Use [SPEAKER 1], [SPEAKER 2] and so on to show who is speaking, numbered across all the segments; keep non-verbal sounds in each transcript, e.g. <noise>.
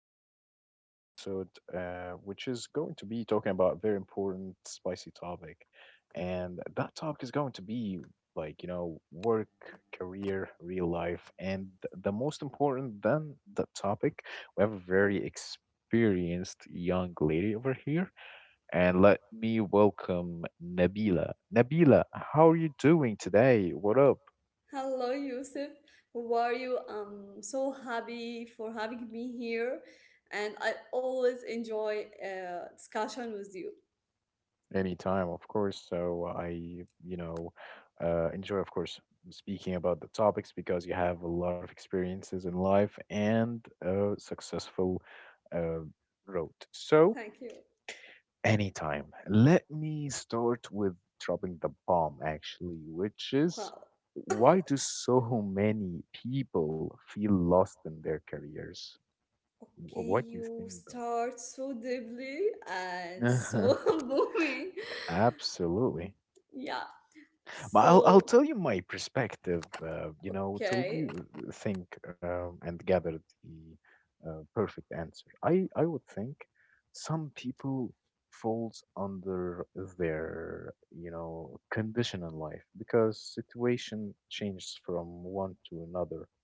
[SPEAKER 1] today's new episode, which is going to be talking about a very important, spicy topic. And that topic is going to be like, you know, work, career, real life. And the most important than the topic, we have a very experienced young lady over here. And let me welcome Nabila. Nabila, how are you doing today? What up?
[SPEAKER 2] Hello, Yusuf. How are you? I'm so happy for having me here, and I always enjoy discussion with you.
[SPEAKER 1] Anytime, of course. So I, you know, enjoy, of course, speaking about the topics because you have a lot of experiences in life and a successful uh, road. So
[SPEAKER 2] Thank you.
[SPEAKER 1] anytime. Let me start with dropping the bomb, actually, which is
[SPEAKER 2] Wow.
[SPEAKER 1] why do so many people feel lost in their careers? Wh-
[SPEAKER 2] Okay,
[SPEAKER 1] What do you
[SPEAKER 2] you
[SPEAKER 1] think, though?
[SPEAKER 2] start so deeply and so
[SPEAKER 1] <laughs>
[SPEAKER 2] <laughs> booming.
[SPEAKER 1] Absolutely.
[SPEAKER 2] Yeah.
[SPEAKER 1] But I'll
[SPEAKER 2] So,
[SPEAKER 1] tell you my perspective, you know, till
[SPEAKER 2] okay,
[SPEAKER 1] you think and gather the perfect answer. I would think some people falls under their, you know, condition in life because situation changes from one to another,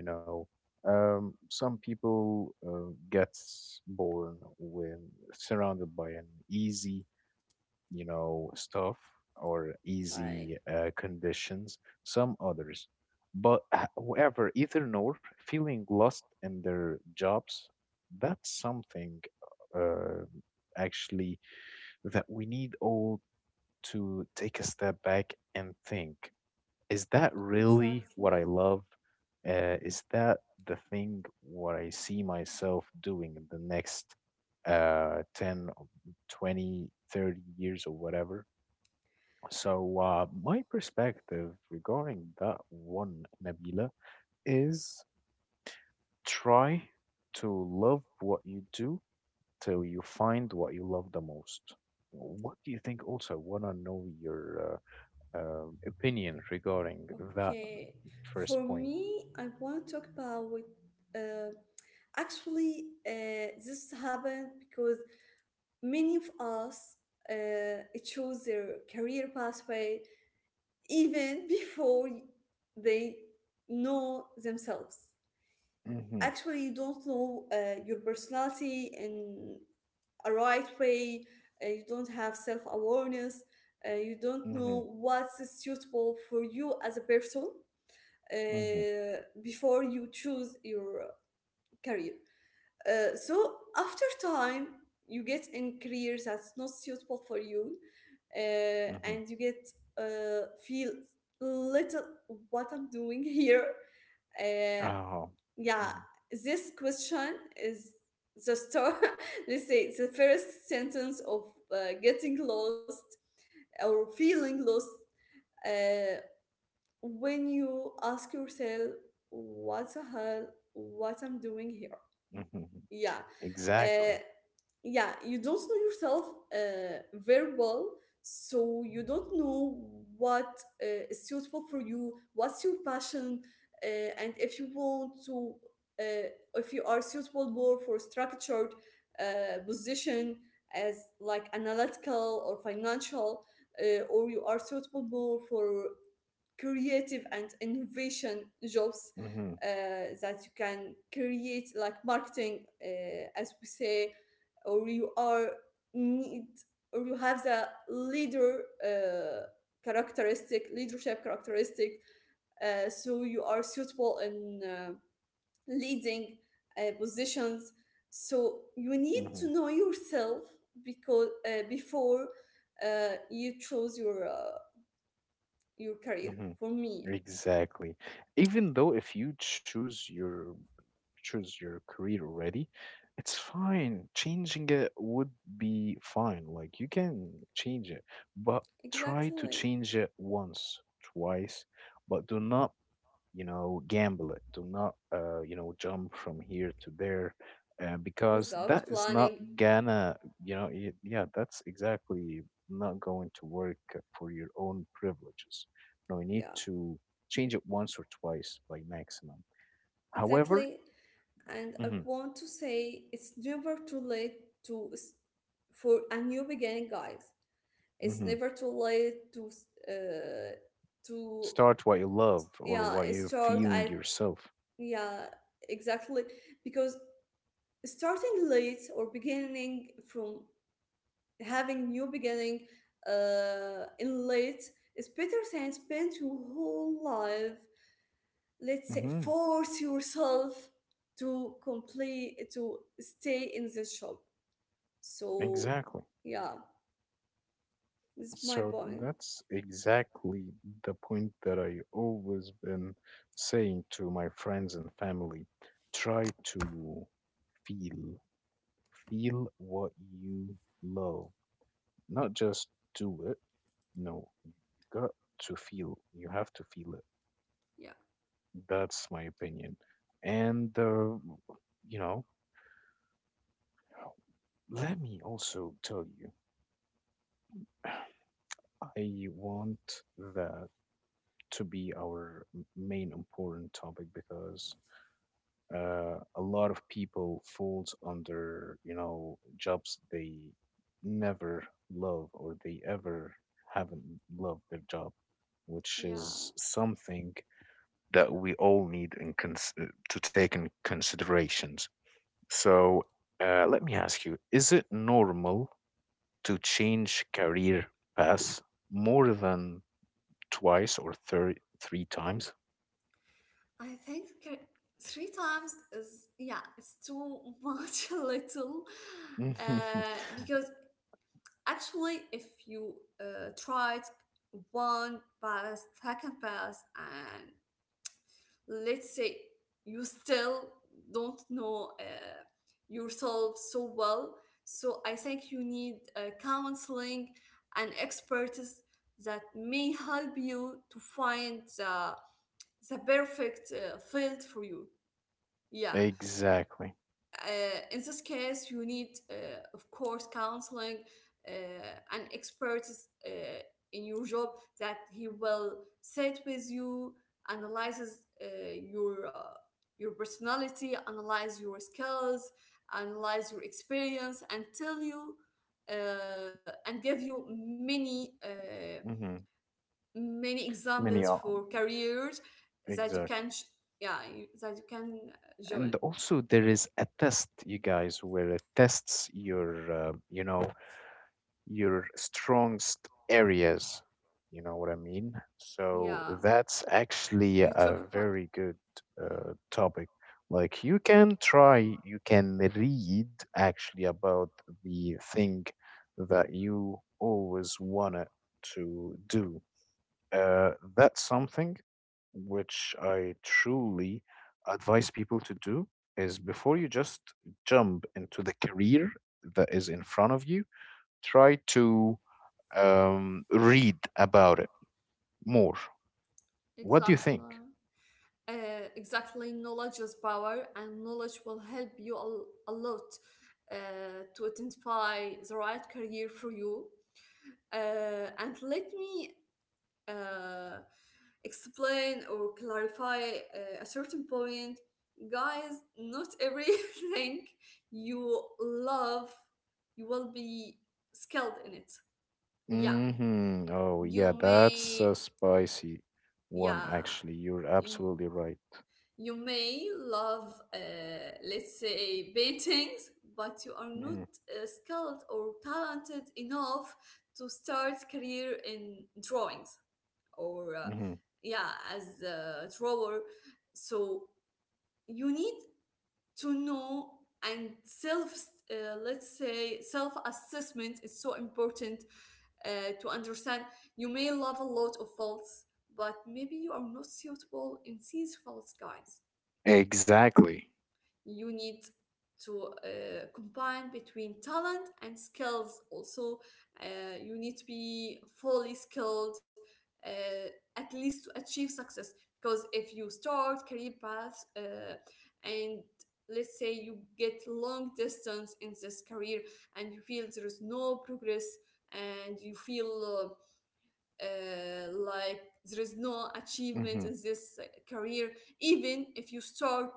[SPEAKER 1] you know. Some people gets born with surrounded by an easy you know, stuff or
[SPEAKER 2] okay,
[SPEAKER 1] easy conditions, some others. But however, either nor, feeling lost in their jobs, that's something uh, actually that we need all to take a step back and think. Is that really
[SPEAKER 2] exactly.
[SPEAKER 1] what I love? Is that the thing what I see myself doing in the next 10, 20, 30 years or whatever? So, my perspective regarding that one, Nabila, is try to love what you do till you find what you love the most. What do you think? Also, want to know your opinion regarding that
[SPEAKER 2] Okay, for
[SPEAKER 1] first point.
[SPEAKER 2] me, I want to talk about uh, actually, this happened because many of us uh, choose their career pathway even <laughs> before they know themselves.
[SPEAKER 1] Mm-hmm,
[SPEAKER 2] Actually, you don't know your personality in a right way. You don't have self awareness. You don't
[SPEAKER 1] mm-hmm,
[SPEAKER 2] know what's suitable for you as a person
[SPEAKER 1] mm-hmm,
[SPEAKER 2] before you choose your career. So after time, you get in careers that's not suitable for you, uh,
[SPEAKER 1] mm-hmm.
[SPEAKER 2] and you get feel little, what I'm doing <laughs> here. uh,
[SPEAKER 1] Oh,
[SPEAKER 2] yeah,
[SPEAKER 1] mm-hmm,
[SPEAKER 2] this question is the start. <laughs> Let's say it's the first sentence of getting lost or feeling lost, uh, when you ask yourself, what the hell, what I'm doing here.
[SPEAKER 1] mm-hmm. Mm-hmm.
[SPEAKER 2] Yeah.
[SPEAKER 1] Exactly.
[SPEAKER 2] Uh, yeah, you don't know yourself very well, so you don't know what is suitable for you, what's your passion, uh, and if you want to, uh, if you are suitable more for structured position, as like analytical or financial, or you are suitable more for creative and innovation jobs,
[SPEAKER 1] Mm-hmm,
[SPEAKER 2] that you can create, like marketing, as we say, or you are need, or you have the leader uh, characteristic, leadership characteristic, so you are suitable in leading positions, so you need
[SPEAKER 1] mm-hmm,
[SPEAKER 2] to know yourself, because before you choose your career,
[SPEAKER 1] mm-hmm.
[SPEAKER 2] for me.
[SPEAKER 1] Exactly. Even though if you choose your career already, it's fine. Changing it would be fine. Like you can change it, but try
[SPEAKER 2] Exactly.
[SPEAKER 1] to change it once, twice, but do not, you know, gamble it. Do not, you know, jump from here to there. Because
[SPEAKER 2] Without
[SPEAKER 1] that is
[SPEAKER 2] planning.
[SPEAKER 1] not gonna, you know, yeah, that's exactly not going to work for your own privileges. No, you need
[SPEAKER 2] Yeah,
[SPEAKER 1] to change it once or twice by maximum. However,
[SPEAKER 2] exactly. And I
[SPEAKER 1] mhm,
[SPEAKER 2] want to say, it's never too late to for a new beginning, guys. It's
[SPEAKER 1] mhm.
[SPEAKER 2] never too late to to,
[SPEAKER 1] Start what you love or
[SPEAKER 2] yeah,
[SPEAKER 1] what you're
[SPEAKER 2] start,
[SPEAKER 1] feeling
[SPEAKER 2] I
[SPEAKER 1] yourself.
[SPEAKER 2] yeah exactly, because starting late, or beginning from having new beginning in late, is better than spend your whole life, let's say,
[SPEAKER 1] Hmm.
[SPEAKER 2] force yourself to complete, to stay in the shop. So,
[SPEAKER 1] Exactly.
[SPEAKER 2] yeah, it's my
[SPEAKER 1] So
[SPEAKER 2] point.
[SPEAKER 1] that's exactly the point that I always been saying to my friends and family. Try to feel, feel what you love, not just do it. No, you got to feel. You have to feel it.
[SPEAKER 2] Yeah,
[SPEAKER 1] That's my opinion. And you know, let me also tell you. <sighs> I want that to be our main important topic because a lot of people falls under, you know, jobs they never love or they ever haven't loved their job, which
[SPEAKER 2] yeah.
[SPEAKER 1] is something that we all need in to take in considerations. So let me ask you, is it normal to change career paths more than twice or thir three times.
[SPEAKER 2] I think three times is, yeah, it's too much <laughs> a little,
[SPEAKER 1] Mhm. <laughs>
[SPEAKER 2] because actually, if you tried one pass, second pass, and let's say you still don't know yourself so well, so I think you need counseling and expertise that may help you to find the perfect field for you. Yeah.
[SPEAKER 1] Exactly.
[SPEAKER 2] In this case, you need, of course, counseling, uh, an expert uh, in your job, that he will sit with you, analyzes your uh, your personality, analyze your skills, analyze your experience, and tell you, and give you many
[SPEAKER 1] Hmm.
[SPEAKER 2] many examples
[SPEAKER 1] Many
[SPEAKER 2] for
[SPEAKER 1] are
[SPEAKER 2] careers that you can
[SPEAKER 1] exactly.
[SPEAKER 2] yeah, you, that you can join.
[SPEAKER 1] And also there is a test, you guys, where it tests your, you know, your strongest areas. You know what I mean? So
[SPEAKER 2] Yeah,
[SPEAKER 1] that's actually
[SPEAKER 2] you talk
[SPEAKER 1] a
[SPEAKER 2] about.
[SPEAKER 1] very good topic. Like you can try, you can read actually about the thing that you always wanted to do. That's something which I truly advise people to do is before you just jump into the career that is in front of you, try to read about it more. What do you
[SPEAKER 2] Exactly.
[SPEAKER 1] think?
[SPEAKER 2] Uh, exactly. Knowledge is power, and knowledge will help you a lot to identify the right career for you. And let me uh, explain or clarify a certain point. Guys, not everything <laughs> you love, you will be skilled in it. Yeah,
[SPEAKER 1] Hmm. Oh, yeah,
[SPEAKER 2] you
[SPEAKER 1] that's
[SPEAKER 2] may,
[SPEAKER 1] a spicy one,
[SPEAKER 2] yeah.
[SPEAKER 1] actually. You're absolutely right.
[SPEAKER 2] You may love, let's say, paintings, but you are not
[SPEAKER 1] Hmm.
[SPEAKER 2] skilled or talented enough to start career in drawings, or,
[SPEAKER 1] Hmm.
[SPEAKER 2] yeah, as a drawer. So you need to know and self, let's say, self assessment is so important, uh, to understand. You may love a lot of faults, but maybe you are not suitable in these faults, guys.
[SPEAKER 1] Exactly.
[SPEAKER 2] You need to combine between talent and skills also. You need to be fully skilled uh, at least, to achieve success, because if you start career path and let's say you get long distance in this career, and you feel there is no progress, and you feel like there is no achievement in
[SPEAKER 1] Hmm.
[SPEAKER 2] this career, even if you start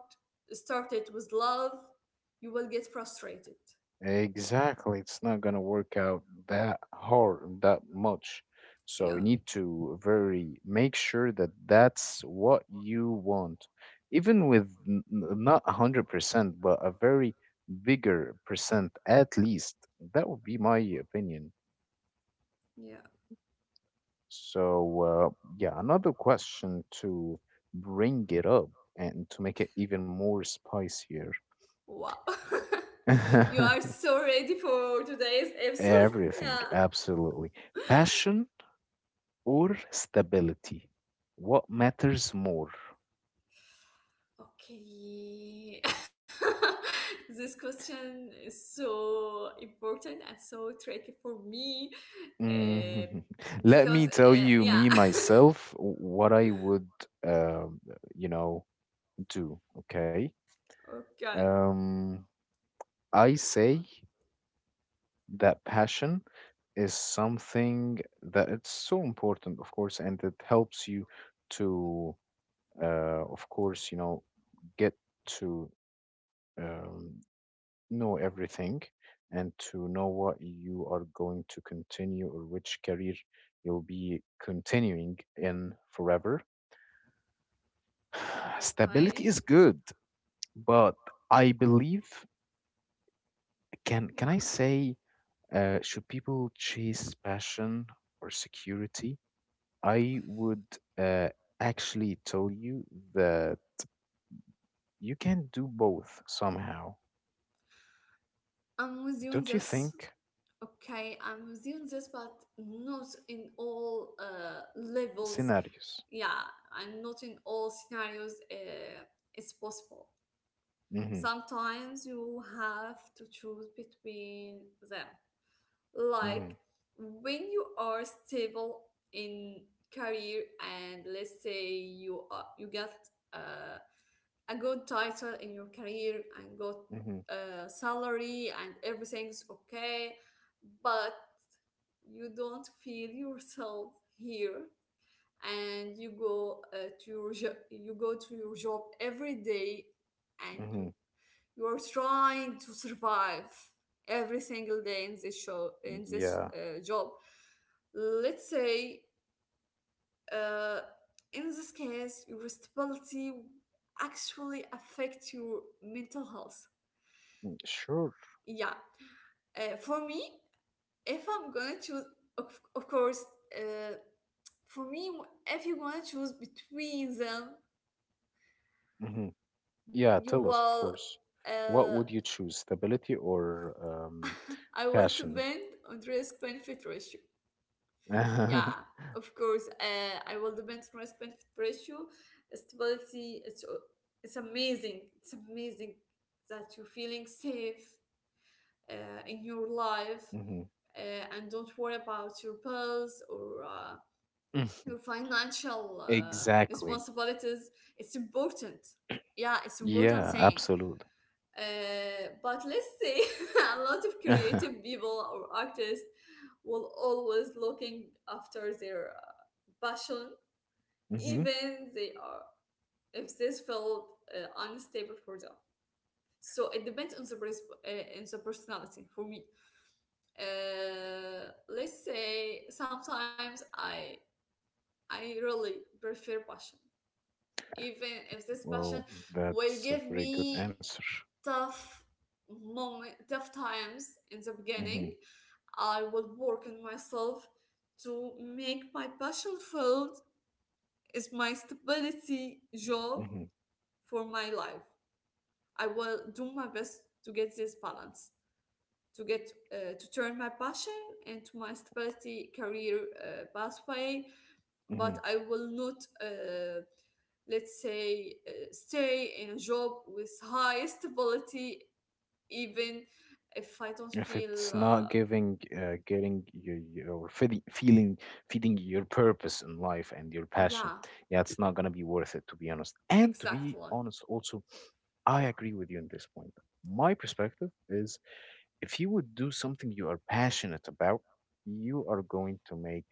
[SPEAKER 2] start it with love, you will get frustrated.
[SPEAKER 1] Exactly. It's not gonna work out that hard and that much. So you
[SPEAKER 2] Yeah,
[SPEAKER 1] need to very make sure that that's what you want, even with not 100%, but a very bigger percent at least. That would be my opinion.
[SPEAKER 2] yeah.
[SPEAKER 1] So, yeah, another question to bring it up and to make it even more spicier.
[SPEAKER 2] Wow. <laughs> You are
[SPEAKER 1] <laughs>
[SPEAKER 2] so ready for today's episode. <laughs>
[SPEAKER 1] Everything,
[SPEAKER 2] Yeah.
[SPEAKER 1] absolutely. Passion or stability? What matters more?
[SPEAKER 2] Okay. <laughs> This question is so important and so tricky for me, uh,
[SPEAKER 1] Mm, <laughs> let
[SPEAKER 2] because
[SPEAKER 1] me tell you,
[SPEAKER 2] yeah.
[SPEAKER 1] me
[SPEAKER 2] <laughs>
[SPEAKER 1] myself, what I would, um, you know, do. Okay.
[SPEAKER 2] okay
[SPEAKER 1] Um, I say that passion is something that it's so important, of course, and it helps you to, of course, you know, get to um, know everything and to know what you are going to continue or which career you'll be continuing in forever. <sighs> Stability is
[SPEAKER 2] okay
[SPEAKER 1] good, but I believe can I
[SPEAKER 2] Yeah.
[SPEAKER 1] say should people chase passion or security? I would uh, actually tell you that you can do both somehow.
[SPEAKER 2] I'm with you on
[SPEAKER 1] Don't you
[SPEAKER 2] this.
[SPEAKER 1] think?
[SPEAKER 2] Okay, I'm with you on this, but not in all levels.
[SPEAKER 1] Scenarios.
[SPEAKER 2] Yeah, and not in all scenarios, it's possible.
[SPEAKER 1] Mm-hmm.
[SPEAKER 2] Sometimes you have to choose between them,
[SPEAKER 1] Mm-hmm.
[SPEAKER 2] like when you are stable in career, and let's say you get uh, a good title in your career, and good
[SPEAKER 1] Mm-hmm.
[SPEAKER 2] salary, and everything's okay, but you don't feel yourself here, and you go to your you go to your job every day, and you
[SPEAKER 1] Mm-hmm.
[SPEAKER 2] you are trying to survive every single day in this show, in this
[SPEAKER 1] Yeah.
[SPEAKER 2] job, let's say, uh, in this case, your responsibility actually affects your mental health.
[SPEAKER 1] Mm, sure.
[SPEAKER 2] Yeah. For me, if I'm gonna choose, of course, uh, for me, if you want to choose between them,
[SPEAKER 1] Hmm. Yeah,
[SPEAKER 2] you
[SPEAKER 1] tell us, of
[SPEAKER 2] will
[SPEAKER 1] course. What
[SPEAKER 2] uh,
[SPEAKER 1] would you choose, stability or
[SPEAKER 2] <laughs> I want to
[SPEAKER 1] passion?
[SPEAKER 2] bend on risk benefit ratio. Yeah,
[SPEAKER 1] <laughs> Hmm.
[SPEAKER 2] of course. I will depend on respect pressure. Stability, it's amazing. It's amazing that you're feeling safe in your life, and don't worry about your bills, or your financial
[SPEAKER 1] Exactly.
[SPEAKER 2] responsibilities. It's important. Yeah, it's important
[SPEAKER 1] Yeah,
[SPEAKER 2] thing.
[SPEAKER 1] absolutely.
[SPEAKER 2] But let's say <laughs> a lot of creative
[SPEAKER 1] <laughs>
[SPEAKER 2] people or artists will always looking after their passion,
[SPEAKER 1] Hmm.
[SPEAKER 2] even they are, if this felt unstable for them. So it depends on the on the personality for me. Let's say sometimes I, really prefer passion, even if this passion
[SPEAKER 1] Well,
[SPEAKER 2] will
[SPEAKER 1] that's
[SPEAKER 2] give
[SPEAKER 1] a very good
[SPEAKER 2] me
[SPEAKER 1] answer.
[SPEAKER 2] tough moment, tough times in the
[SPEAKER 1] Hmm.
[SPEAKER 2] beginning. I will work on myself to make my passion filled is my stability job
[SPEAKER 1] Hmm.
[SPEAKER 2] for my life. I will do my best to get this balance, to get to turn my passion into my stability career pathway. But
[SPEAKER 1] Hmm.
[SPEAKER 2] I will not, let's say, stay in a job with high stability, even if I don't
[SPEAKER 1] If it's
[SPEAKER 2] feel.
[SPEAKER 1] not
[SPEAKER 2] Uh,
[SPEAKER 1] giving getting your, your feeding your purpose in life and your passion,
[SPEAKER 2] yeah,
[SPEAKER 1] yeah, it's not going to be worth it, to be honest. And to be
[SPEAKER 2] exactly,
[SPEAKER 1] honest also, I agree with you in this point. My perspective is if you would do something you are passionate about, you are going to make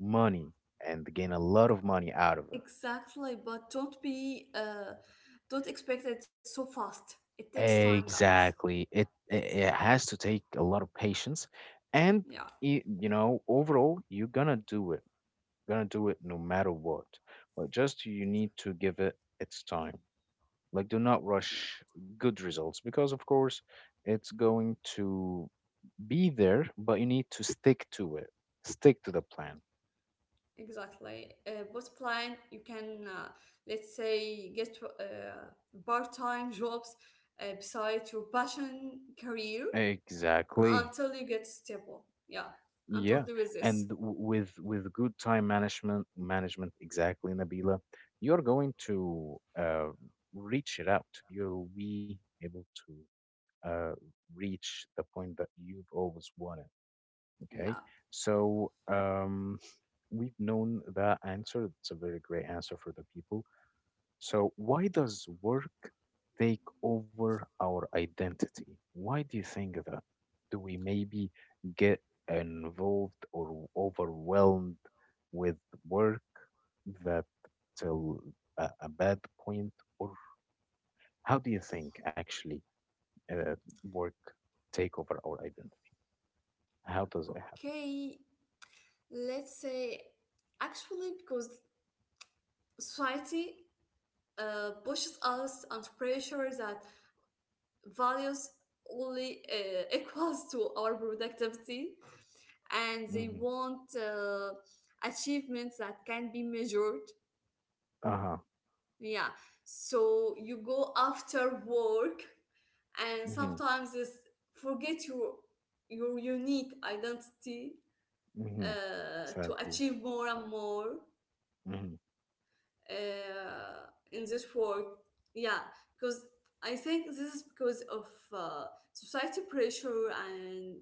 [SPEAKER 1] money and gain a lot of money out of
[SPEAKER 2] exactly. But don't be, don't expect it so fast. It takes time,
[SPEAKER 1] it.
[SPEAKER 2] guys.
[SPEAKER 1] Exactly. It it has to take a lot of patience. And
[SPEAKER 2] Yeah,
[SPEAKER 1] you know, overall, you're gonna do it no matter what. But just you need to give it its time. Like, do not
[SPEAKER 2] yeah.
[SPEAKER 1] rush good results because, of course, it's going to be there, but you need to stick to it. Stick to the plan.
[SPEAKER 2] Exactly. Bottom plan, you can, let's say, get part time jobs beside your passion career,
[SPEAKER 1] Exactly.
[SPEAKER 2] until you get stable. Yeah, I'm
[SPEAKER 1] Yeah.
[SPEAKER 2] totally with this.
[SPEAKER 1] And with good time management exactly, Nabila, you're going to reach it out. You'll be able to uh, reach the point that you've always wanted. Okay,
[SPEAKER 2] Yeah.
[SPEAKER 1] so we've known that answer. It's a very great answer for the people. So, why does work take over our identity? Why do you think that? Do we maybe get involved or overwhelmed with work that till a bad point, or how do you think actually uh, work take over our identity? How does it
[SPEAKER 2] Okay, let's say, actually, because society pushes us under pressure that values only <laughs> equals to our productivity, and they
[SPEAKER 1] happen?
[SPEAKER 2] want achievements that can be measured.
[SPEAKER 1] Hmm. Uh
[SPEAKER 2] Yeah. So you go after work, and
[SPEAKER 1] huh.
[SPEAKER 2] sometimes it's forget your unique identity,
[SPEAKER 1] Hmm.
[SPEAKER 2] to
[SPEAKER 1] Sadly.
[SPEAKER 2] achieve more and more
[SPEAKER 1] Hmm.
[SPEAKER 2] uh, in this work. Yeah, because I think this is because of uh, society pressure, and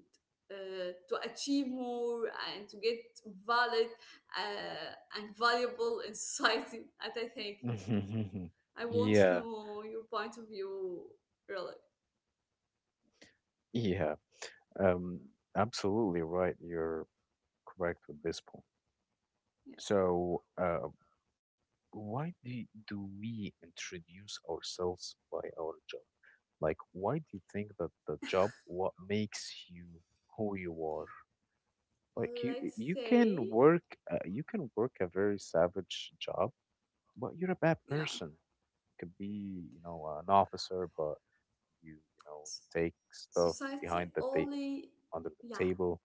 [SPEAKER 2] to achieve more, and to get valid and valuable in society. <laughs> And I think,
[SPEAKER 1] Hmm.
[SPEAKER 2] yeah. I
[SPEAKER 1] <laughs>
[SPEAKER 2] want to
[SPEAKER 1] Yeah.
[SPEAKER 2] know your point of view, really.
[SPEAKER 1] Yeah. Um, Absolutely right. You're correct with this point.
[SPEAKER 2] Yeah,
[SPEAKER 1] So, why do we introduce ourselves by our job? Like, why do you think that the job, what makes you who you are? Like,
[SPEAKER 2] let's
[SPEAKER 1] you
[SPEAKER 2] say,
[SPEAKER 1] can work, you can work a very savage job, but you're a bad
[SPEAKER 2] yeah,
[SPEAKER 1] person. You could be, you know, an officer, but you know,
[SPEAKER 2] s-
[SPEAKER 1] take stuff
[SPEAKER 2] society
[SPEAKER 1] behind the
[SPEAKER 2] only.
[SPEAKER 1] under
[SPEAKER 2] Yeah,
[SPEAKER 1] the table,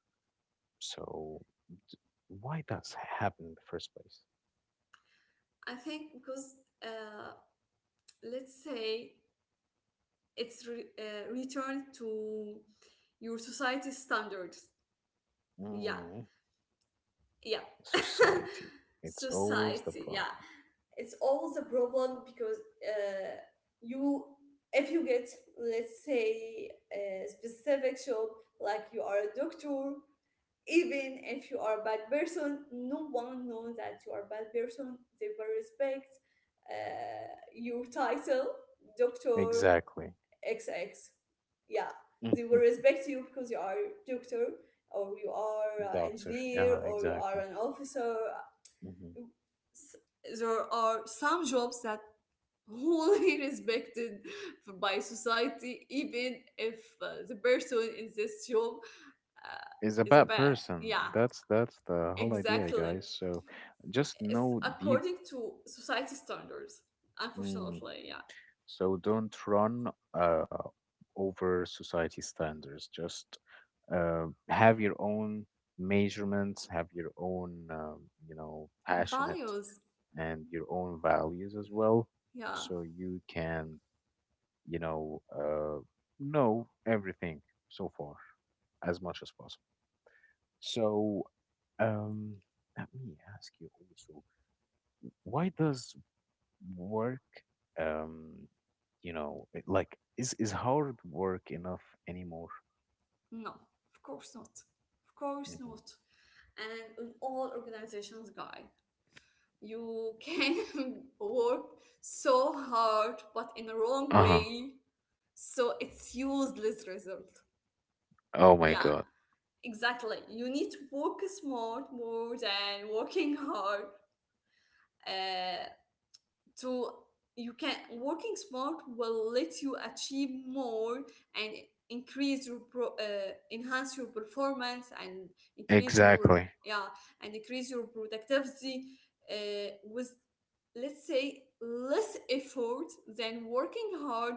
[SPEAKER 1] so why does it happen in the first place?
[SPEAKER 2] I think because uh, let's say it's returned to your society standards. Yeah,
[SPEAKER 1] Mm.
[SPEAKER 2] yeah. <laughs>
[SPEAKER 1] Society, it's always the
[SPEAKER 2] Society,
[SPEAKER 1] problem.
[SPEAKER 2] yeah. It's always a problem, because uh, you, if you get, let's say, a specific job, like you are a doctor, even if you are a bad person, no one knows that you are a bad person. They will respect your title, doctor,
[SPEAKER 1] Exactly.
[SPEAKER 2] X X. Yeah, they
[SPEAKER 1] Mhm.
[SPEAKER 2] will respect you because you are doctor, or you are
[SPEAKER 1] Doctor,
[SPEAKER 2] engineer,
[SPEAKER 1] yeah,
[SPEAKER 2] or you are
[SPEAKER 1] exactly.
[SPEAKER 2] an officer.
[SPEAKER 1] Mhm.
[SPEAKER 2] S- There are some jobs that wholly <laughs> respected by society, even if the person in this job uh,
[SPEAKER 1] Is a
[SPEAKER 2] is a
[SPEAKER 1] bad
[SPEAKER 2] bad.
[SPEAKER 1] person,
[SPEAKER 2] Yeah,
[SPEAKER 1] that's the whole idea,
[SPEAKER 2] exactly.
[SPEAKER 1] guys. So just
[SPEAKER 2] It's
[SPEAKER 1] know deep.
[SPEAKER 2] according to society standards,
[SPEAKER 1] Mm.
[SPEAKER 2] unfortunately. Yeah,
[SPEAKER 1] So don't run uh, over society standards. Just have your own measurements, have your own, you know, passionate
[SPEAKER 2] values.
[SPEAKER 1] and your own values as well.
[SPEAKER 2] Yeah,
[SPEAKER 1] So you can, you know everything so far as much as possible. So um, let me ask you also, why does work um you know like is hard work enough anymore?
[SPEAKER 2] no, of course not. Of course
[SPEAKER 1] Hmm.
[SPEAKER 2] not. And in all organizations, guy, you can <laughs> work so hard, but in the wrong
[SPEAKER 1] Uh-huh.
[SPEAKER 2] way, so it's useless result.
[SPEAKER 1] Oh my
[SPEAKER 2] Yeah,
[SPEAKER 1] God.
[SPEAKER 2] exactly. You need to work smart more than working hard, uh, to, you can, working smart will let you achieve more, and increase your enhance your performance, and increase your,
[SPEAKER 1] Exactly.
[SPEAKER 2] yeah, and increase your productivity with, let's say, less effort than working hard.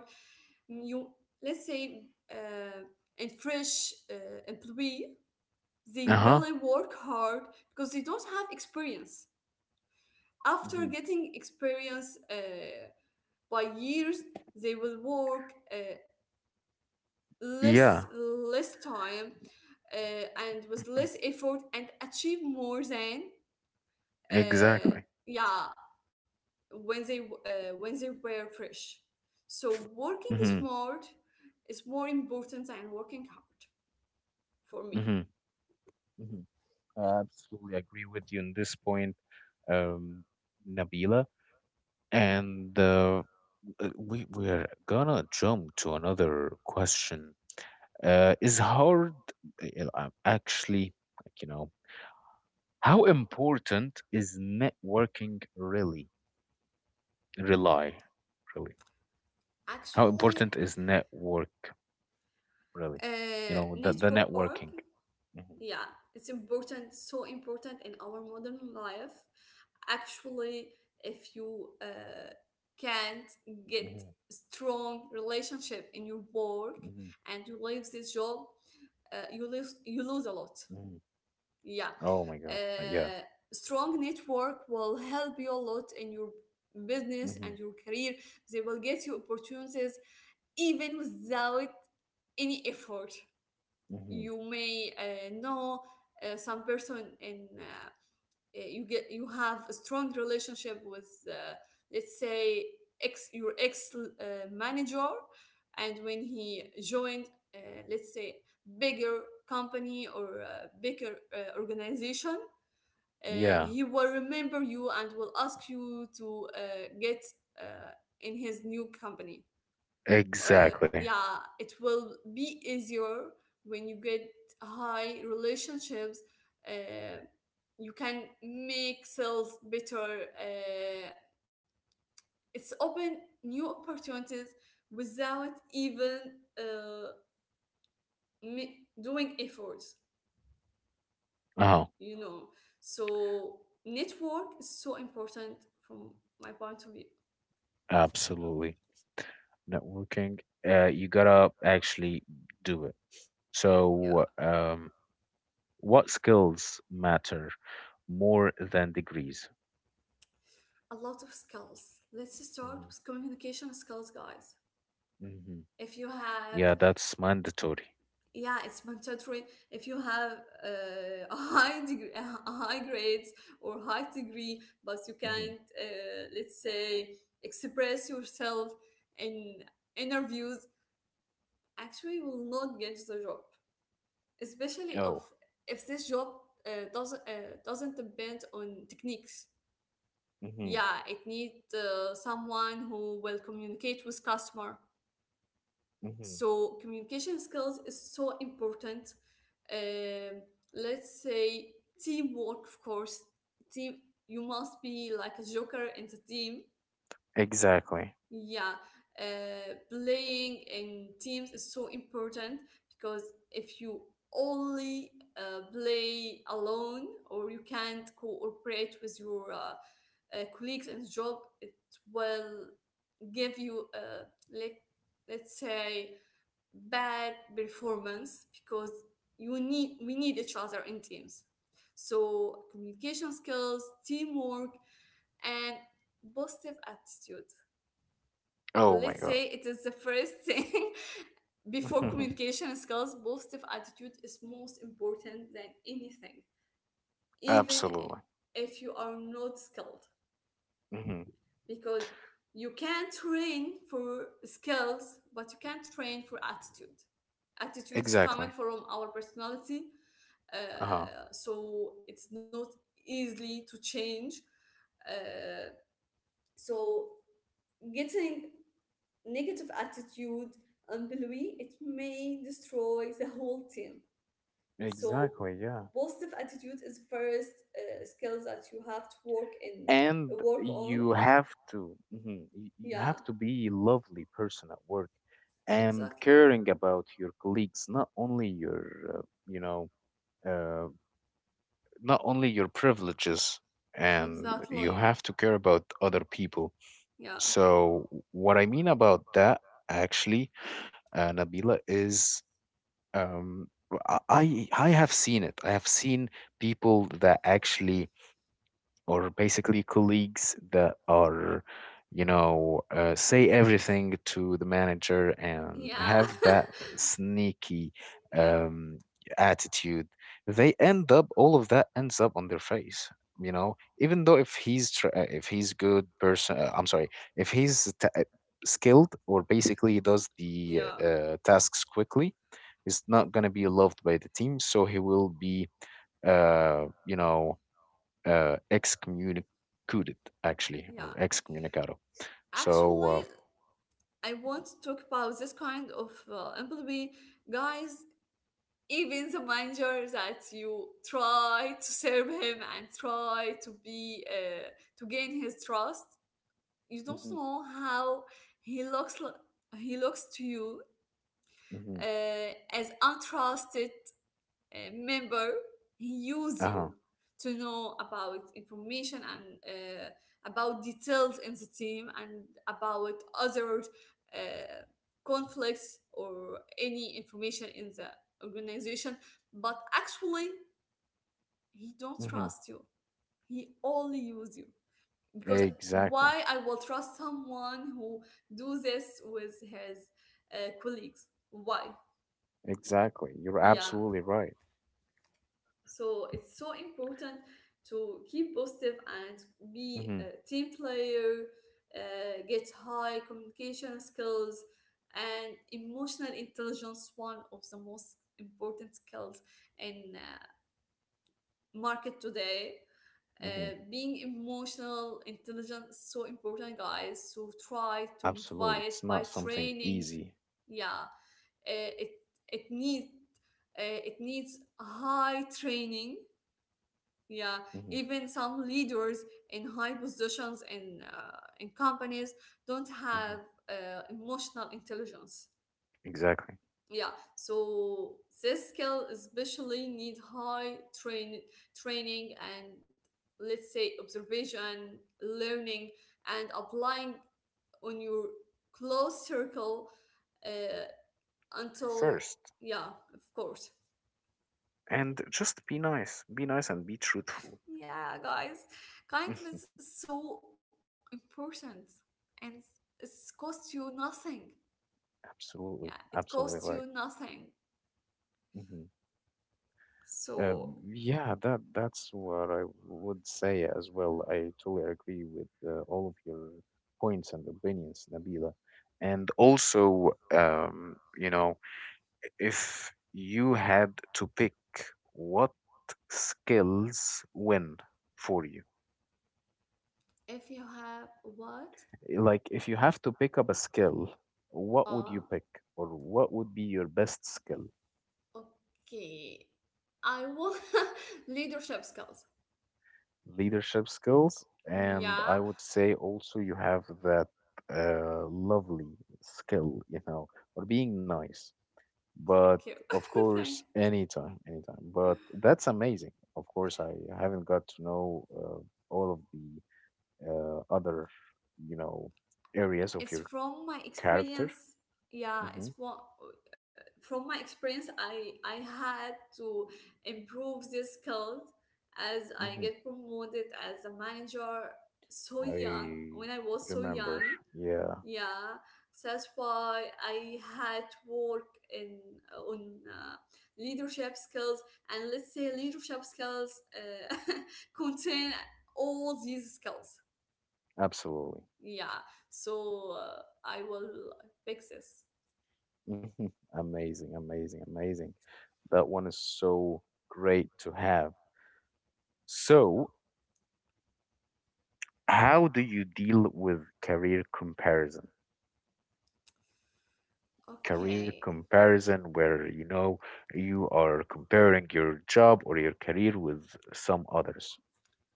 [SPEAKER 2] Mm, you, let's say, uh, and fresh employee, they
[SPEAKER 1] Uh-huh.
[SPEAKER 2] really work hard because they don't have experience. After
[SPEAKER 1] Hmm.
[SPEAKER 2] getting experience by years, they will work less
[SPEAKER 1] Yeah,
[SPEAKER 2] less time and with less effort, and achieve more than uh,
[SPEAKER 1] exactly.
[SPEAKER 2] yeah, when they were fresh. So working
[SPEAKER 1] Hmm.
[SPEAKER 2] smart is more important than working hard, for me.
[SPEAKER 1] Hmm. Hmm. I absolutely agree with you on this point, um Nabila. And we're gonna jump to another question. Is hard uh, uh, actually, like, you know, how important is networking really? Rely, Really. How important
[SPEAKER 2] Actually,
[SPEAKER 1] is network really? You know, the
[SPEAKER 2] network.
[SPEAKER 1] networking. Mhm,
[SPEAKER 2] Yeah, it's important, so important in our modern life. Actually, if you can't get
[SPEAKER 1] mhm,
[SPEAKER 2] strong relationship in your work,
[SPEAKER 1] mhm,
[SPEAKER 2] and you leave this job, you lose a lot.
[SPEAKER 1] mhm.
[SPEAKER 2] Yeah.
[SPEAKER 1] Oh my God.
[SPEAKER 2] uh,
[SPEAKER 1] Yeah.
[SPEAKER 2] strong network will help you a lot in your business and
[SPEAKER 1] Mhm,
[SPEAKER 2] your career. They will get you opportunities even without any effort.
[SPEAKER 1] mhm.
[SPEAKER 2] You may know some person in you have a strong relationship with let's say ex your ex manager and when he joined uh, let's say bigger company or bigger organization. uh,
[SPEAKER 1] Yeah,
[SPEAKER 2] he will remember you and will ask you to get uh, in his new company.
[SPEAKER 1] exactly.
[SPEAKER 2] Yeah, it will be easier when you get high relationships. Uh, you can make sales better. It's open new opportunities without even uh, ma- doing efforts,
[SPEAKER 1] Oh,
[SPEAKER 2] you know. So, network is so important from my point of view.
[SPEAKER 1] absolutely. Networking, you gotta actually do it.
[SPEAKER 2] Yeah,
[SPEAKER 1] So, what skills matter more than degrees?
[SPEAKER 2] a lot of skills. Let's start with communication skills, guys.
[SPEAKER 1] Mhm,
[SPEAKER 2] If you
[SPEAKER 1] yeah,
[SPEAKER 2] have,
[SPEAKER 1] that's mandatory.
[SPEAKER 2] yeah, it's mandatory. If you have <laughs> a high degree, a high grades or high degree, but you
[SPEAKER 1] Hmm.
[SPEAKER 2] can't, let's say, express yourself in interviews, actually you will not get the job, especially if
[SPEAKER 1] Oh.
[SPEAKER 2] if this job doesn't depend on techniques.
[SPEAKER 1] Mm-hmm.
[SPEAKER 2] Yeah, it needs someone who will communicate with customer.
[SPEAKER 1] Mm-hmm.
[SPEAKER 2] So communication skills is so important. Um, let's say teamwork, of course. Team, you must be like a joker in the team.
[SPEAKER 1] Exactly.
[SPEAKER 2] Yeah, playing in teams is so important because if you only play alone or you can't cooperate with your colleagues and job, it will give you let let's say, bad performance because you need we need each other in teams. So communication skills, teamwork, and positive attitude,
[SPEAKER 1] Oh my
[SPEAKER 2] let's
[SPEAKER 1] God.
[SPEAKER 2] say it is the first thing. <laughs>
[SPEAKER 1] <laughs>
[SPEAKER 2] Before
[SPEAKER 1] Hmm.
[SPEAKER 2] communication skills, positive attitude is most important than anything, even
[SPEAKER 1] Absolutely.
[SPEAKER 2] if you are not skilled,
[SPEAKER 1] Mm-hmm.
[SPEAKER 2] because you can train for skills, but you can't train for attitude. Attitudes
[SPEAKER 1] Exactly.
[SPEAKER 2] coming from our personality,
[SPEAKER 1] Uh-huh.
[SPEAKER 2] so it's not easily to change. Uh, so getting negative attitude employee, it may destroy the whole team. So
[SPEAKER 1] Exactly, yeah.
[SPEAKER 2] positive attitude is first skills that you have to work in,
[SPEAKER 1] And
[SPEAKER 2] work on.
[SPEAKER 1] you have
[SPEAKER 2] Yeah,
[SPEAKER 1] to be a lovely person at work and
[SPEAKER 2] exactly.
[SPEAKER 1] caring about your colleagues, not only your uh, you know, uh, not only your privileges, and you
[SPEAKER 2] Exactly.
[SPEAKER 1] have to care about other people.
[SPEAKER 2] Yeah.
[SPEAKER 1] So what I mean about that actually, Nabila, is um, I have seen it. I have seen people that actually, or basically colleagues that are, you know, say everything to the manager and
[SPEAKER 2] Yeah.
[SPEAKER 1] have that sneaky
[SPEAKER 2] <laughs> Yeah.
[SPEAKER 1] um, attitude. They end up, all of that ends up on their face. You know, even though if if he's good person, I'm sorry, if skilled or basically he does the
[SPEAKER 2] Yeah.
[SPEAKER 1] tasks quickly, he's not going to be loved by the team. So he will be, you know, excommunicated, actually,
[SPEAKER 2] Yeah.
[SPEAKER 1] or excommunicado. So,
[SPEAKER 2] Actually, I want to talk about this kind of employee, guys. Even the manager that you try to serve him and try to be to gain his trust, you don't
[SPEAKER 1] mhm,
[SPEAKER 2] know how he looks. He looks to you
[SPEAKER 1] mhm,
[SPEAKER 2] as untrusted member, use you
[SPEAKER 1] uh-huh,
[SPEAKER 2] to know about information and about details in the team and about other uh, conflicts or any information in the organization, but actually he don't
[SPEAKER 1] mhm.
[SPEAKER 2] trust you, he only use you, because
[SPEAKER 1] Exactly,
[SPEAKER 2] why I will trust someone who do this with his colleagues? Why?
[SPEAKER 1] exactly, you're
[SPEAKER 2] Yeah.
[SPEAKER 1] absolutely right.
[SPEAKER 2] So it's so important to keep positive and be
[SPEAKER 1] Hmm.
[SPEAKER 2] a team player, get high communication skills, and emotional intelligence. One of the most important skills in market today.
[SPEAKER 1] Hmm.
[SPEAKER 2] Being emotional intelligent is so important, guys. So try to
[SPEAKER 1] Absolutely,
[SPEAKER 2] motivate
[SPEAKER 1] it's
[SPEAKER 2] by
[SPEAKER 1] not something
[SPEAKER 2] training.
[SPEAKER 1] easy.
[SPEAKER 2] Yeah, it it needs it needs high training. Yeah,
[SPEAKER 1] Hmm.
[SPEAKER 2] even some leaders in high positions in companies don't have
[SPEAKER 1] Hmm.
[SPEAKER 2] emotional intelligence.
[SPEAKER 1] Exactly
[SPEAKER 2] Yeah, so this skill especially need high train, training, and let's say observation, learning, and applying on your close circle uh, until,
[SPEAKER 1] first.
[SPEAKER 2] yeah, of course.
[SPEAKER 1] And just be nice, be nice and be truthful.
[SPEAKER 2] Yeah, guys, kindness
[SPEAKER 1] <laughs>
[SPEAKER 2] is so important, and it costs you nothing. Yeah,
[SPEAKER 1] Absolutely,
[SPEAKER 2] it costs you
[SPEAKER 1] absolutely right.
[SPEAKER 2] nothing.
[SPEAKER 1] Hmm.
[SPEAKER 2] So,
[SPEAKER 1] Yeah, that's what I would say as well. I totally agree with all of your points and opinions, Nabila. And also, if you had to pick what skills win for you,
[SPEAKER 2] if you have what?
[SPEAKER 1] like if you have to pick up a skill, what would
[SPEAKER 2] Uh,
[SPEAKER 1] you pick, or what would be your best skill?
[SPEAKER 2] okay. I want <laughs> leadership skills.
[SPEAKER 1] Leadership skills, and I
[SPEAKER 2] Yeah,
[SPEAKER 1] would say also you have that lovely skill, you know, or being nice. But
[SPEAKER 2] thank you.
[SPEAKER 1] of
[SPEAKER 2] <laughs>
[SPEAKER 1] course,
[SPEAKER 2] Thank.
[SPEAKER 1] anytime, anytime. But that's amazing. Of course, I haven't got to know all of the other, you know, areas of your
[SPEAKER 2] It's from my
[SPEAKER 1] character.
[SPEAKER 2] experience. Yeah,
[SPEAKER 1] Hmm
[SPEAKER 2] it's what, from my experience, I had to improve this skills as I
[SPEAKER 1] hmm
[SPEAKER 2] get promoted as a manager so young,
[SPEAKER 1] I
[SPEAKER 2] when I was so
[SPEAKER 1] remember.
[SPEAKER 2] young.
[SPEAKER 1] Yeah,
[SPEAKER 2] Yeah, so that's why I had to work in, on leadership skills. And let's say leadership skills <laughs> contain all these skills.
[SPEAKER 1] absolutely.
[SPEAKER 2] Yeah, so I will fix this.
[SPEAKER 1] Mhm. Amazing, amazing, amazing. That one is so great to have. So, how do you deal with career comparison? Career
[SPEAKER 2] Okay.
[SPEAKER 1] comparison, where you know you are comparing your job or your career with some others.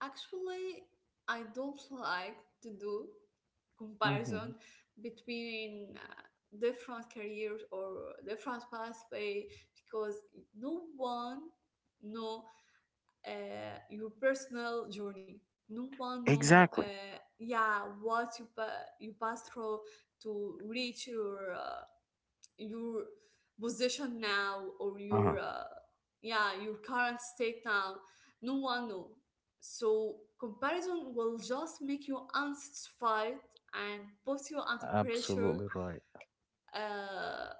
[SPEAKER 2] Actually, I don't like to do
[SPEAKER 1] Hmm
[SPEAKER 2] comparison between different careers or different pathway, because no one know your personal journey. No one know,
[SPEAKER 1] Exactly.
[SPEAKER 2] yeah, what you you pass through to reach your your position now or
[SPEAKER 1] Uh-huh.
[SPEAKER 2] your yeah your current state now, no one know. So comparison will just make you unsatisfied and put you under pressure.
[SPEAKER 1] Absolutely right.
[SPEAKER 2] uh,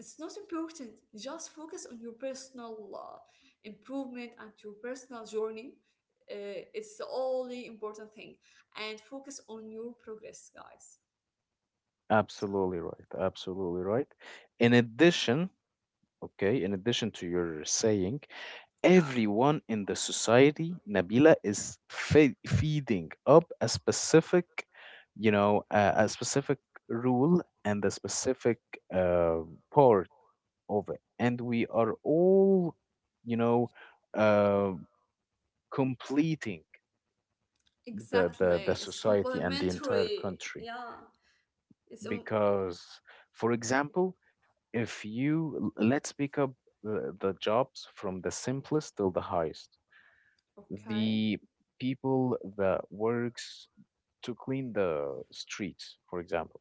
[SPEAKER 2] it's not important, just focus on your personal improvement and your personal journey. It's the only important thing, and focus on your progress, guys. So
[SPEAKER 1] Absolutely right. Absolutely right. In addition, okay, in addition to your saying,
[SPEAKER 2] yeah.
[SPEAKER 1] everyone in the society, Nabila, is feeding up a specific, a specific rule and a specific uh, part of it. And we are all, you know, uh, completing the
[SPEAKER 2] Exactly. It's
[SPEAKER 1] society and the entire
[SPEAKER 2] complementary.
[SPEAKER 1] country.
[SPEAKER 2] Yeah. It's
[SPEAKER 1] Because, for example, if you let's pick up the jobs from the simplest till the highest,
[SPEAKER 2] Okay.
[SPEAKER 1] the people that works to clean the streets, for example.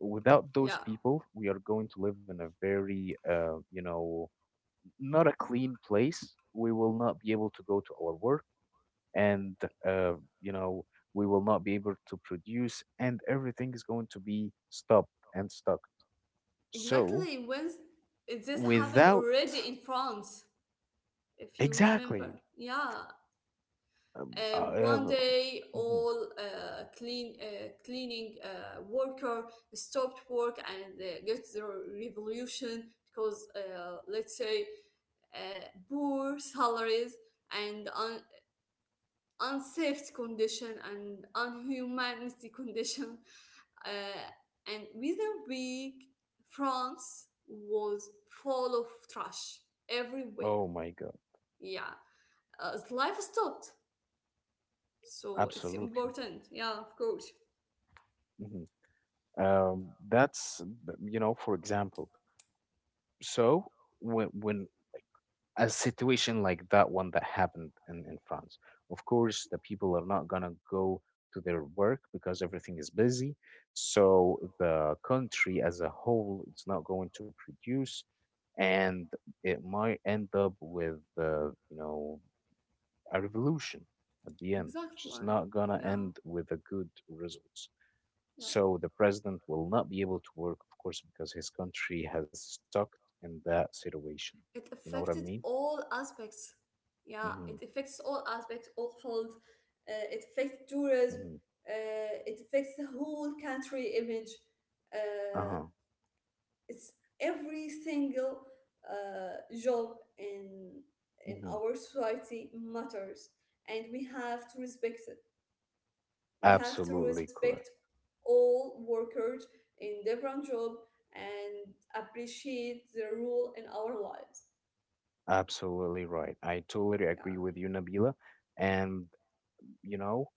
[SPEAKER 1] Without
[SPEAKER 2] Yeah.
[SPEAKER 1] those people, we are going to live in a very not a clean place. We will not be able to go to our work and uh, you know we will not be able to produce, and everything is going to be stopped and stuck. So
[SPEAKER 2] Exactly. This happened
[SPEAKER 1] without,
[SPEAKER 2] already in France, if you remember.
[SPEAKER 1] exactly.
[SPEAKER 2] Yeah.
[SPEAKER 1] um, uh,
[SPEAKER 2] One day,
[SPEAKER 1] mhm.
[SPEAKER 2] all cleaning worker stopped work and get the revolution because, let's say, uh, poor salaries and unsafe condition and unhumanity <laughs> condition, uh, and within a week, France was full of trash everywhere.
[SPEAKER 1] Oh my God,
[SPEAKER 2] Yeah, life stopped, so it's
[SPEAKER 1] absolutely.
[SPEAKER 2] important. Yeah, of course.
[SPEAKER 1] Hmm You know, for example. So when, like, a situation like that one that happened in France. Of course, the people are not gonna go to their work because everything is busy. So the country as a whole, it's not going to produce, and it might end up with a revolution at the end, which
[SPEAKER 2] Exactly.
[SPEAKER 1] is not going to
[SPEAKER 2] Yeah,
[SPEAKER 1] end with a good results.
[SPEAKER 2] yeah.
[SPEAKER 1] So the president will not be able to work, of course, because his country has stuck in that situation.
[SPEAKER 2] It
[SPEAKER 1] You know what I
[SPEAKER 2] affected
[SPEAKER 1] mean?
[SPEAKER 2] all aspects. Yeah,
[SPEAKER 1] Hmm
[SPEAKER 2] it affects all aspects, all fields. It affects tourism.
[SPEAKER 1] hmm
[SPEAKER 2] It affects the whole country image. Uh,
[SPEAKER 1] Uh-huh.
[SPEAKER 2] it's every single job in
[SPEAKER 1] hmm
[SPEAKER 2] our society matters, and we have to respect it. We have to
[SPEAKER 1] Absolutely correct.
[SPEAKER 2] respect all workers in different job and appreciate their role in our lives.
[SPEAKER 1] Absolutely right. I totally
[SPEAKER 2] Yeah.
[SPEAKER 1] agree with you, Nabila. And you know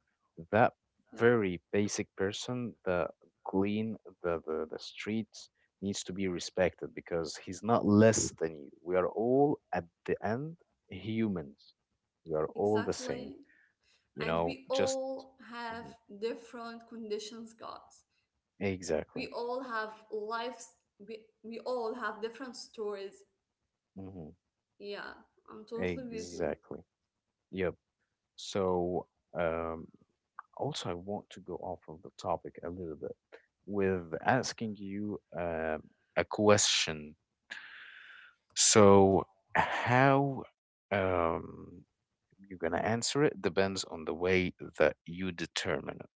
[SPEAKER 1] that
[SPEAKER 2] Yeah,
[SPEAKER 1] very basic person, the clean, the streets, needs to be respected because he's not less than you. We are all at the end humans. We are all the same,
[SPEAKER 2] exactly.
[SPEAKER 1] you
[SPEAKER 2] And
[SPEAKER 1] know,
[SPEAKER 2] we
[SPEAKER 1] just
[SPEAKER 2] all have
[SPEAKER 1] mhm.
[SPEAKER 2] different conditions, guys. We
[SPEAKER 1] Exactly.
[SPEAKER 2] all have lives. We all have different stories.
[SPEAKER 1] hmm
[SPEAKER 2] Yeah, I'm totally with you.
[SPEAKER 1] exactly. Yep. So um also I want to go off of the topic a little bit with asking you a question. So how, um, you're gonna answer it depends on the way that you determine it.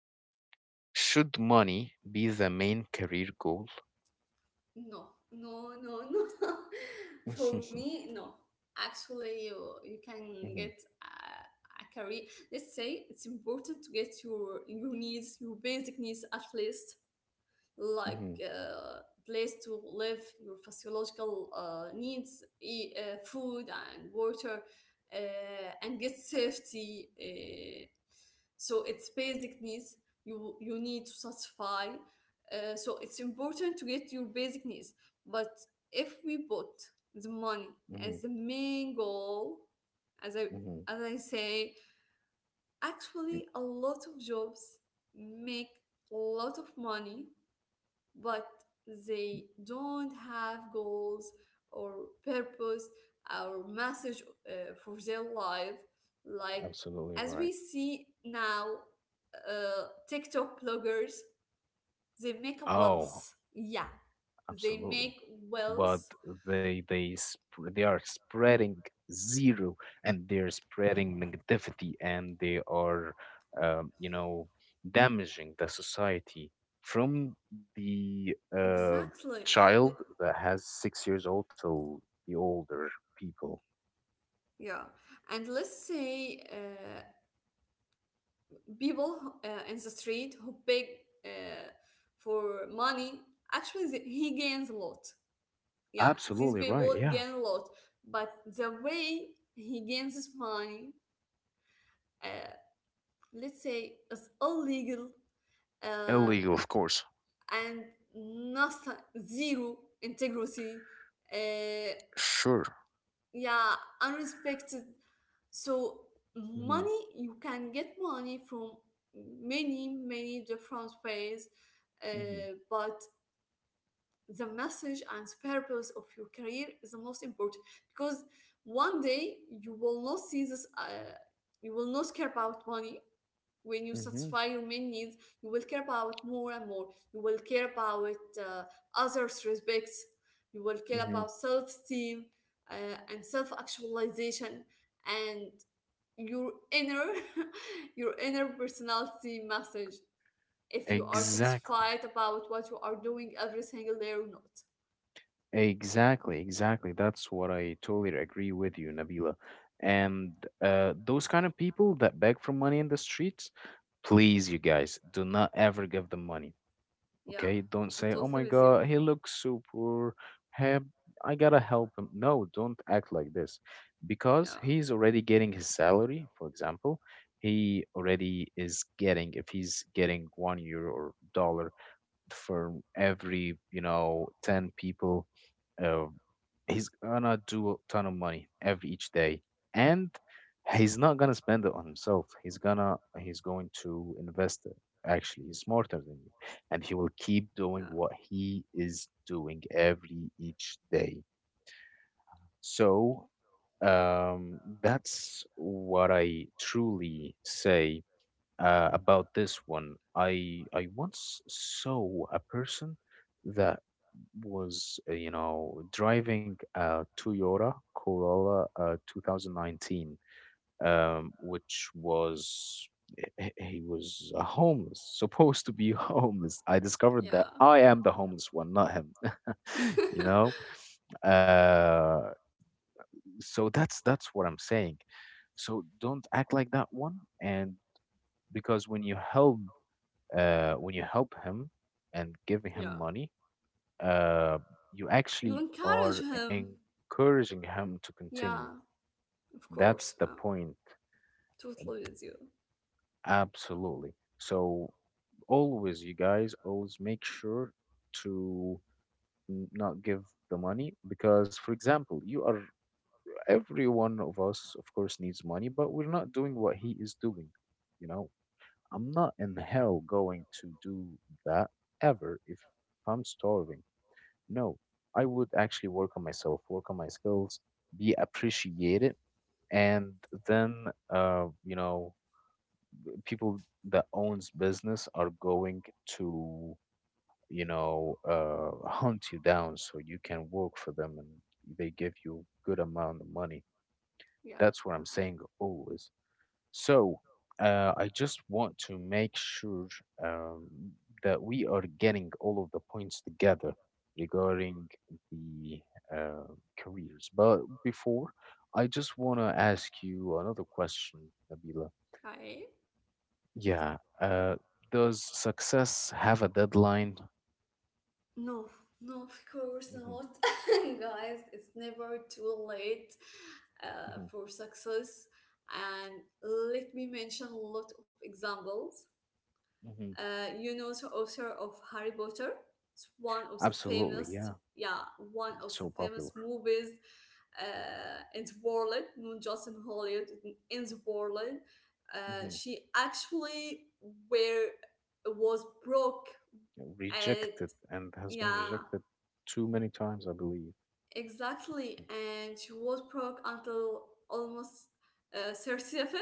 [SPEAKER 1] Should money be the main career goal?
[SPEAKER 2] No, no, no, no. <laughs> For
[SPEAKER 1] <laughs>
[SPEAKER 2] me, no. Actually, you can
[SPEAKER 1] Mhm,
[SPEAKER 2] get a career. Let's say it's important to get your needs, your basic needs at least, like
[SPEAKER 1] mhm,
[SPEAKER 2] place to live, your physiological needs, eat, food and water, and get safety. So it's basic needs you need to satisfy. So it's important to get your basic needs. But if we put the money
[SPEAKER 1] mhm, mhm,
[SPEAKER 2] as the main goal, as I
[SPEAKER 1] mhm.
[SPEAKER 2] as I say,
[SPEAKER 1] Y-
[SPEAKER 2] actually a lot of jobs make a lot of money, but they don't have goals or purpose or message for their life. Like,
[SPEAKER 1] Absolutely
[SPEAKER 2] as
[SPEAKER 1] right.
[SPEAKER 2] we see now, TikTok bloggers, they make a
[SPEAKER 1] Oh,
[SPEAKER 2] wealth. Yeah, they
[SPEAKER 1] absolutely.
[SPEAKER 2] make
[SPEAKER 1] But
[SPEAKER 2] wealth.
[SPEAKER 1] they are spreading zero, and they're spreading negativity, and they are, um, you know, damaging the society from the
[SPEAKER 2] Exactly. L-
[SPEAKER 1] child that has 6 years old till the older people.
[SPEAKER 2] Yeah. And let's say people in the street who beg uh, for money, actually, he gains a lot. Yeah, these
[SPEAKER 1] Absolutely right.
[SPEAKER 2] people
[SPEAKER 1] Yeah.
[SPEAKER 2] gain a lot, but the way he gains his money, uh, let's say, is illegal, uh,
[SPEAKER 1] Illegal, of course.
[SPEAKER 2] and nothing, zero integrity. Uh,
[SPEAKER 1] Sure.
[SPEAKER 2] yeah, unrespected. So
[SPEAKER 1] Mm-hmm.
[SPEAKER 2] money, you can get money from many, many different ways,
[SPEAKER 1] Mm-hmm.
[SPEAKER 2] but the message and purpose of your career is the most important, because one day you will not see this, you will not care about money. When you
[SPEAKER 1] Mm-hmm.
[SPEAKER 2] satisfy your main needs, you will care about more and more, you will care about uh, others respects, you will care
[SPEAKER 1] Mm-hmm.
[SPEAKER 2] about self-esteem, and self-actualization, and your inner <laughs> your inner personality message, if you are
[SPEAKER 1] Exactly.
[SPEAKER 2] satisfied about what you are doing every single day or not.
[SPEAKER 1] Exactly, exactly. That's what I totally agree with you, Nabila. And those kind of people that beg for money in the streets, please, you guys, do not ever give them money.
[SPEAKER 2] Yeah,
[SPEAKER 1] Okay? Don't
[SPEAKER 2] I'm
[SPEAKER 1] say, "Oh my
[SPEAKER 2] totally with you.
[SPEAKER 1] God, he looks so poor. Hey, I gotta help him." No, don't act like this, because
[SPEAKER 2] Yeah,
[SPEAKER 1] he's already getting his salary. For example, he already is getting, if he's getting €1 or dollar, for every you know 10 people, uh, he's gonna do a ton of money every each day,
[SPEAKER 2] yeah,
[SPEAKER 1] and he's not gonna spend it on himself. He's gonna, he's going to invest it. Actually, he's smarter than you, and he will keep
[SPEAKER 2] yeah,
[SPEAKER 1] doing what he is doing every each day. So that's what I truly say about this one. I once saw a person that was you know driving a Toyota Corolla 2019, which was he was a homeless, <laughs> supposed to be <laughs> homeless. I discovered that
[SPEAKER 2] yeah,
[SPEAKER 1] I am the homeless one, not him. <laughs> you know,
[SPEAKER 2] <laughs>
[SPEAKER 1] uh, so that's what I'm saying. So don't act like that one, and because when you help, when you help him and give
[SPEAKER 2] yeah.
[SPEAKER 1] him money, uh, you
[SPEAKER 2] You
[SPEAKER 1] actually
[SPEAKER 2] encourage
[SPEAKER 1] are
[SPEAKER 2] him.
[SPEAKER 1] encouraging him to continue.
[SPEAKER 2] Yeah, of course.
[SPEAKER 1] That's the
[SPEAKER 2] I'm
[SPEAKER 1] point.
[SPEAKER 2] totally with you.
[SPEAKER 1] Absolutely. So always, you guys, always make sure to not give the money because, for example, you are, every one of us, of course, needs money, but we're not doing what he is doing. You know, I'm not in hell going to do that ever if I'm starving. No, I would actually work on myself, work on my skills, be appreciated, and
[SPEAKER 2] Yeah,
[SPEAKER 1] then uh, you know, people that owns business are going to, you know, <laughs> hunt you down so you can work for them, and they give you good amount of money.
[SPEAKER 2] yeah.
[SPEAKER 1] That's what I'm saying always. So I just want to make sure um, that we are getting all of the points together regarding the uh, careers. But before, I just want to ask you another question, Nabila.
[SPEAKER 2] Okay.
[SPEAKER 1] Yeah. Does success have a deadline?
[SPEAKER 2] No, no, of course
[SPEAKER 1] Hmm
[SPEAKER 2] not. <laughs> Guys, it's never too late
[SPEAKER 1] hmm
[SPEAKER 2] for success. And let me mention a lot of examples.
[SPEAKER 1] hmm
[SPEAKER 2] You know the author of Harry Potter. It's one of the
[SPEAKER 1] Absolutely.
[SPEAKER 2] famous,
[SPEAKER 1] Yeah.
[SPEAKER 2] yeah, one
[SPEAKER 1] It's
[SPEAKER 2] of
[SPEAKER 1] so
[SPEAKER 2] the
[SPEAKER 1] popular.
[SPEAKER 2] famous movies in the world, not just in Hollywood, in the world.
[SPEAKER 1] Hmm
[SPEAKER 2] She actually were was broke at,
[SPEAKER 1] Rejected and has been
[SPEAKER 2] yeah,
[SPEAKER 1] rejected too many times, I believe.
[SPEAKER 2] exactly, and she was broke until almost uh, 37,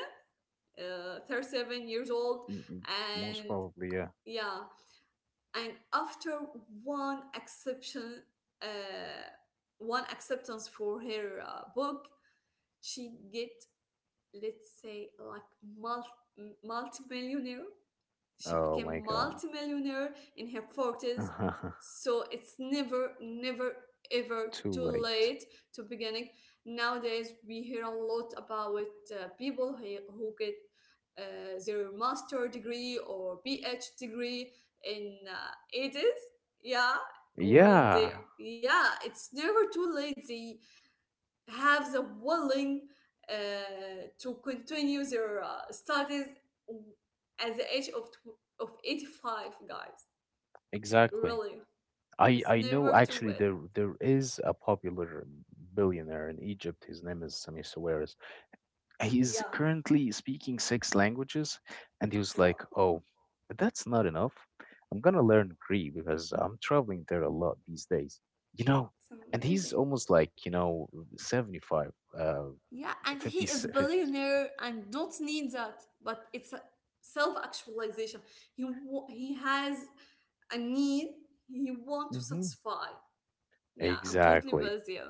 [SPEAKER 2] uh, 37 years old,
[SPEAKER 1] Y- m- Most
[SPEAKER 2] and
[SPEAKER 1] probably, yeah.
[SPEAKER 2] yeah, and after one exception, uh, one acceptance for her book she get, let's say, like multi multi-millionaire, she
[SPEAKER 1] Oh my
[SPEAKER 2] became
[SPEAKER 1] God.
[SPEAKER 2] multimillionaire in her 40s.
[SPEAKER 1] <laughs>
[SPEAKER 2] So it's never, never, ever
[SPEAKER 1] Too
[SPEAKER 2] too
[SPEAKER 1] late.
[SPEAKER 2] late to beginning. Nowadays, we hear a lot about who get their master degree or PhD degree in 80s. Yeah, when they,
[SPEAKER 1] Yeah,
[SPEAKER 2] yeah, it's never too late. They have the willing uh, to continue their studies at the age of 85, guys.
[SPEAKER 1] exactly.
[SPEAKER 2] Really,
[SPEAKER 1] I
[SPEAKER 2] it's
[SPEAKER 1] I know,
[SPEAKER 2] never too
[SPEAKER 1] actually,
[SPEAKER 2] late.
[SPEAKER 1] there is a popular billionaire in Egypt. His name is Sami Soweris. He's
[SPEAKER 2] Yeah,
[SPEAKER 1] currently speaking six languages, and he was like,
[SPEAKER 2] wow,
[SPEAKER 1] "Oh, that's not enough. I'm gonna learn Greek because I'm traveling there a lot these days." You know,
[SPEAKER 2] it's
[SPEAKER 1] and he's
[SPEAKER 2] amazing.
[SPEAKER 1] almost like you know 75, uh,
[SPEAKER 2] Yeah, and
[SPEAKER 1] 50,
[SPEAKER 2] he is a
[SPEAKER 1] fifty.
[SPEAKER 2] billionaire and don't need that, but it's a self-actualization. He has a need he want to
[SPEAKER 1] Mm-hmm.
[SPEAKER 2] satisfy. Yeah, I'm totally
[SPEAKER 1] Exactly.
[SPEAKER 2] with you.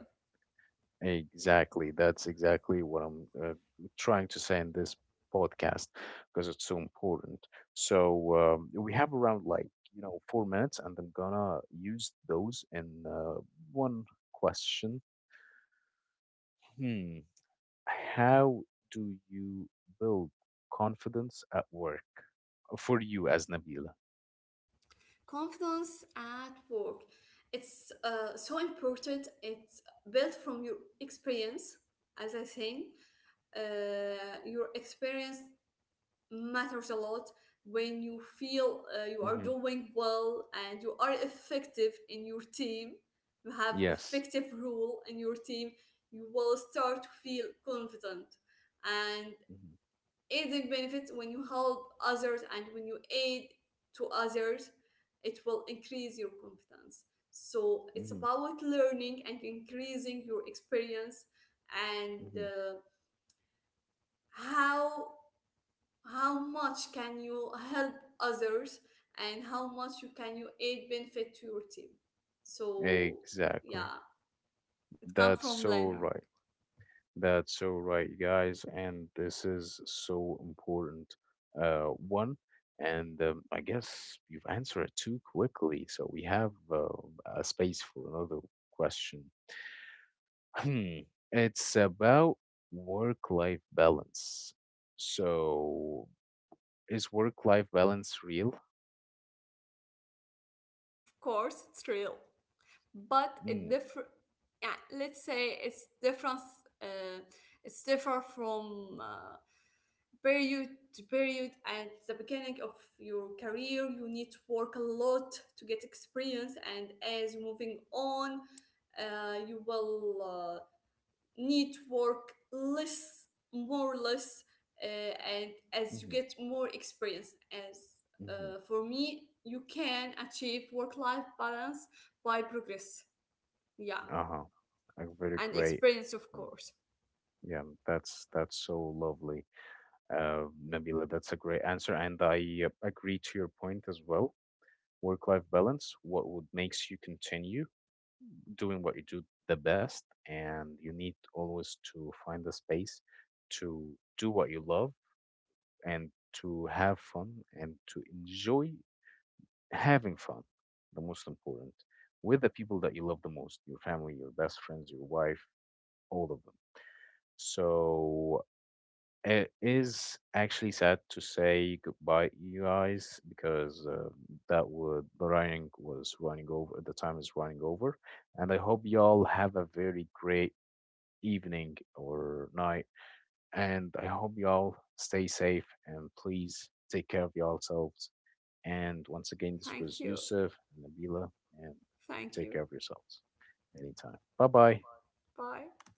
[SPEAKER 1] Exactly. That's exactly what I'm trying to say in this podcast because it's so important. So we have around, like, you know, 4 minutes, and I'm gonna use those in one question. Hmm. How do you build confidence at work for you as Nabila?
[SPEAKER 2] Confidence at work, it's so important. It's built from your experience, as I think. Your experience matters a lot. When you feel you are
[SPEAKER 1] Hmm
[SPEAKER 2] doing well and you are effective in your team, you have
[SPEAKER 1] Yes.
[SPEAKER 2] effective role in your team, you will start to feel confident. And
[SPEAKER 1] hmm
[SPEAKER 2] aiding benefits, when you help others and when you aid to others, it will increase your confidence. So it's
[SPEAKER 1] hmm
[SPEAKER 2] about learning and increasing your experience, and
[SPEAKER 1] hmm
[SPEAKER 2] how how much can you help others and how much you can you aid benefit to your team. So yeah,
[SPEAKER 1] Exactly.
[SPEAKER 2] it comes
[SPEAKER 1] That's
[SPEAKER 2] from
[SPEAKER 1] so
[SPEAKER 2] learning.
[SPEAKER 1] right. That's so right, guys, and this is so important. One, and I guess you've answered it too quickly, so we have a space for another question. Hmm. It's about work-life balance. So, is work-life balance real?
[SPEAKER 2] Of course, it's real. But it
[SPEAKER 1] Mm,
[SPEAKER 2] differ, yeah, let's say it's difference, uh, it's differ from period to period. At the beginning of your career you need to work a lot to get experience, and as you're moving on, you will need to work less, more or less, and as you
[SPEAKER 1] hmm
[SPEAKER 2] get more experience, as
[SPEAKER 1] hmm
[SPEAKER 2] for me, you can achieve work-life balance by progress, yeah,
[SPEAKER 1] uh-huh. A very
[SPEAKER 2] and
[SPEAKER 1] great
[SPEAKER 2] experience, of
[SPEAKER 1] point.
[SPEAKER 2] course.
[SPEAKER 1] Yeah, that's so lovely. Nabila, that's a great answer, and I agree to your point as well. Work-life balance, what would makes you continue doing what you do the best, and you need always to find the space to do what you love and to have fun and to enjoy having fun, the most important, with the people that you love the most, your family, your best friends, your wife, all of them. So it is actually sad to say goodbye, you guys, because that would the running was running over. The time is running over, and I hope y'all have a very great evening or night. And I hope y'all stay safe and please take care of yourselves. And once again, this
[SPEAKER 2] Thank
[SPEAKER 1] was
[SPEAKER 2] you.
[SPEAKER 1] Yusuf and Nabila, and
[SPEAKER 2] Thank
[SPEAKER 1] take
[SPEAKER 2] you.
[SPEAKER 1] care of yourselves anytime. Bye bye.
[SPEAKER 2] Bye.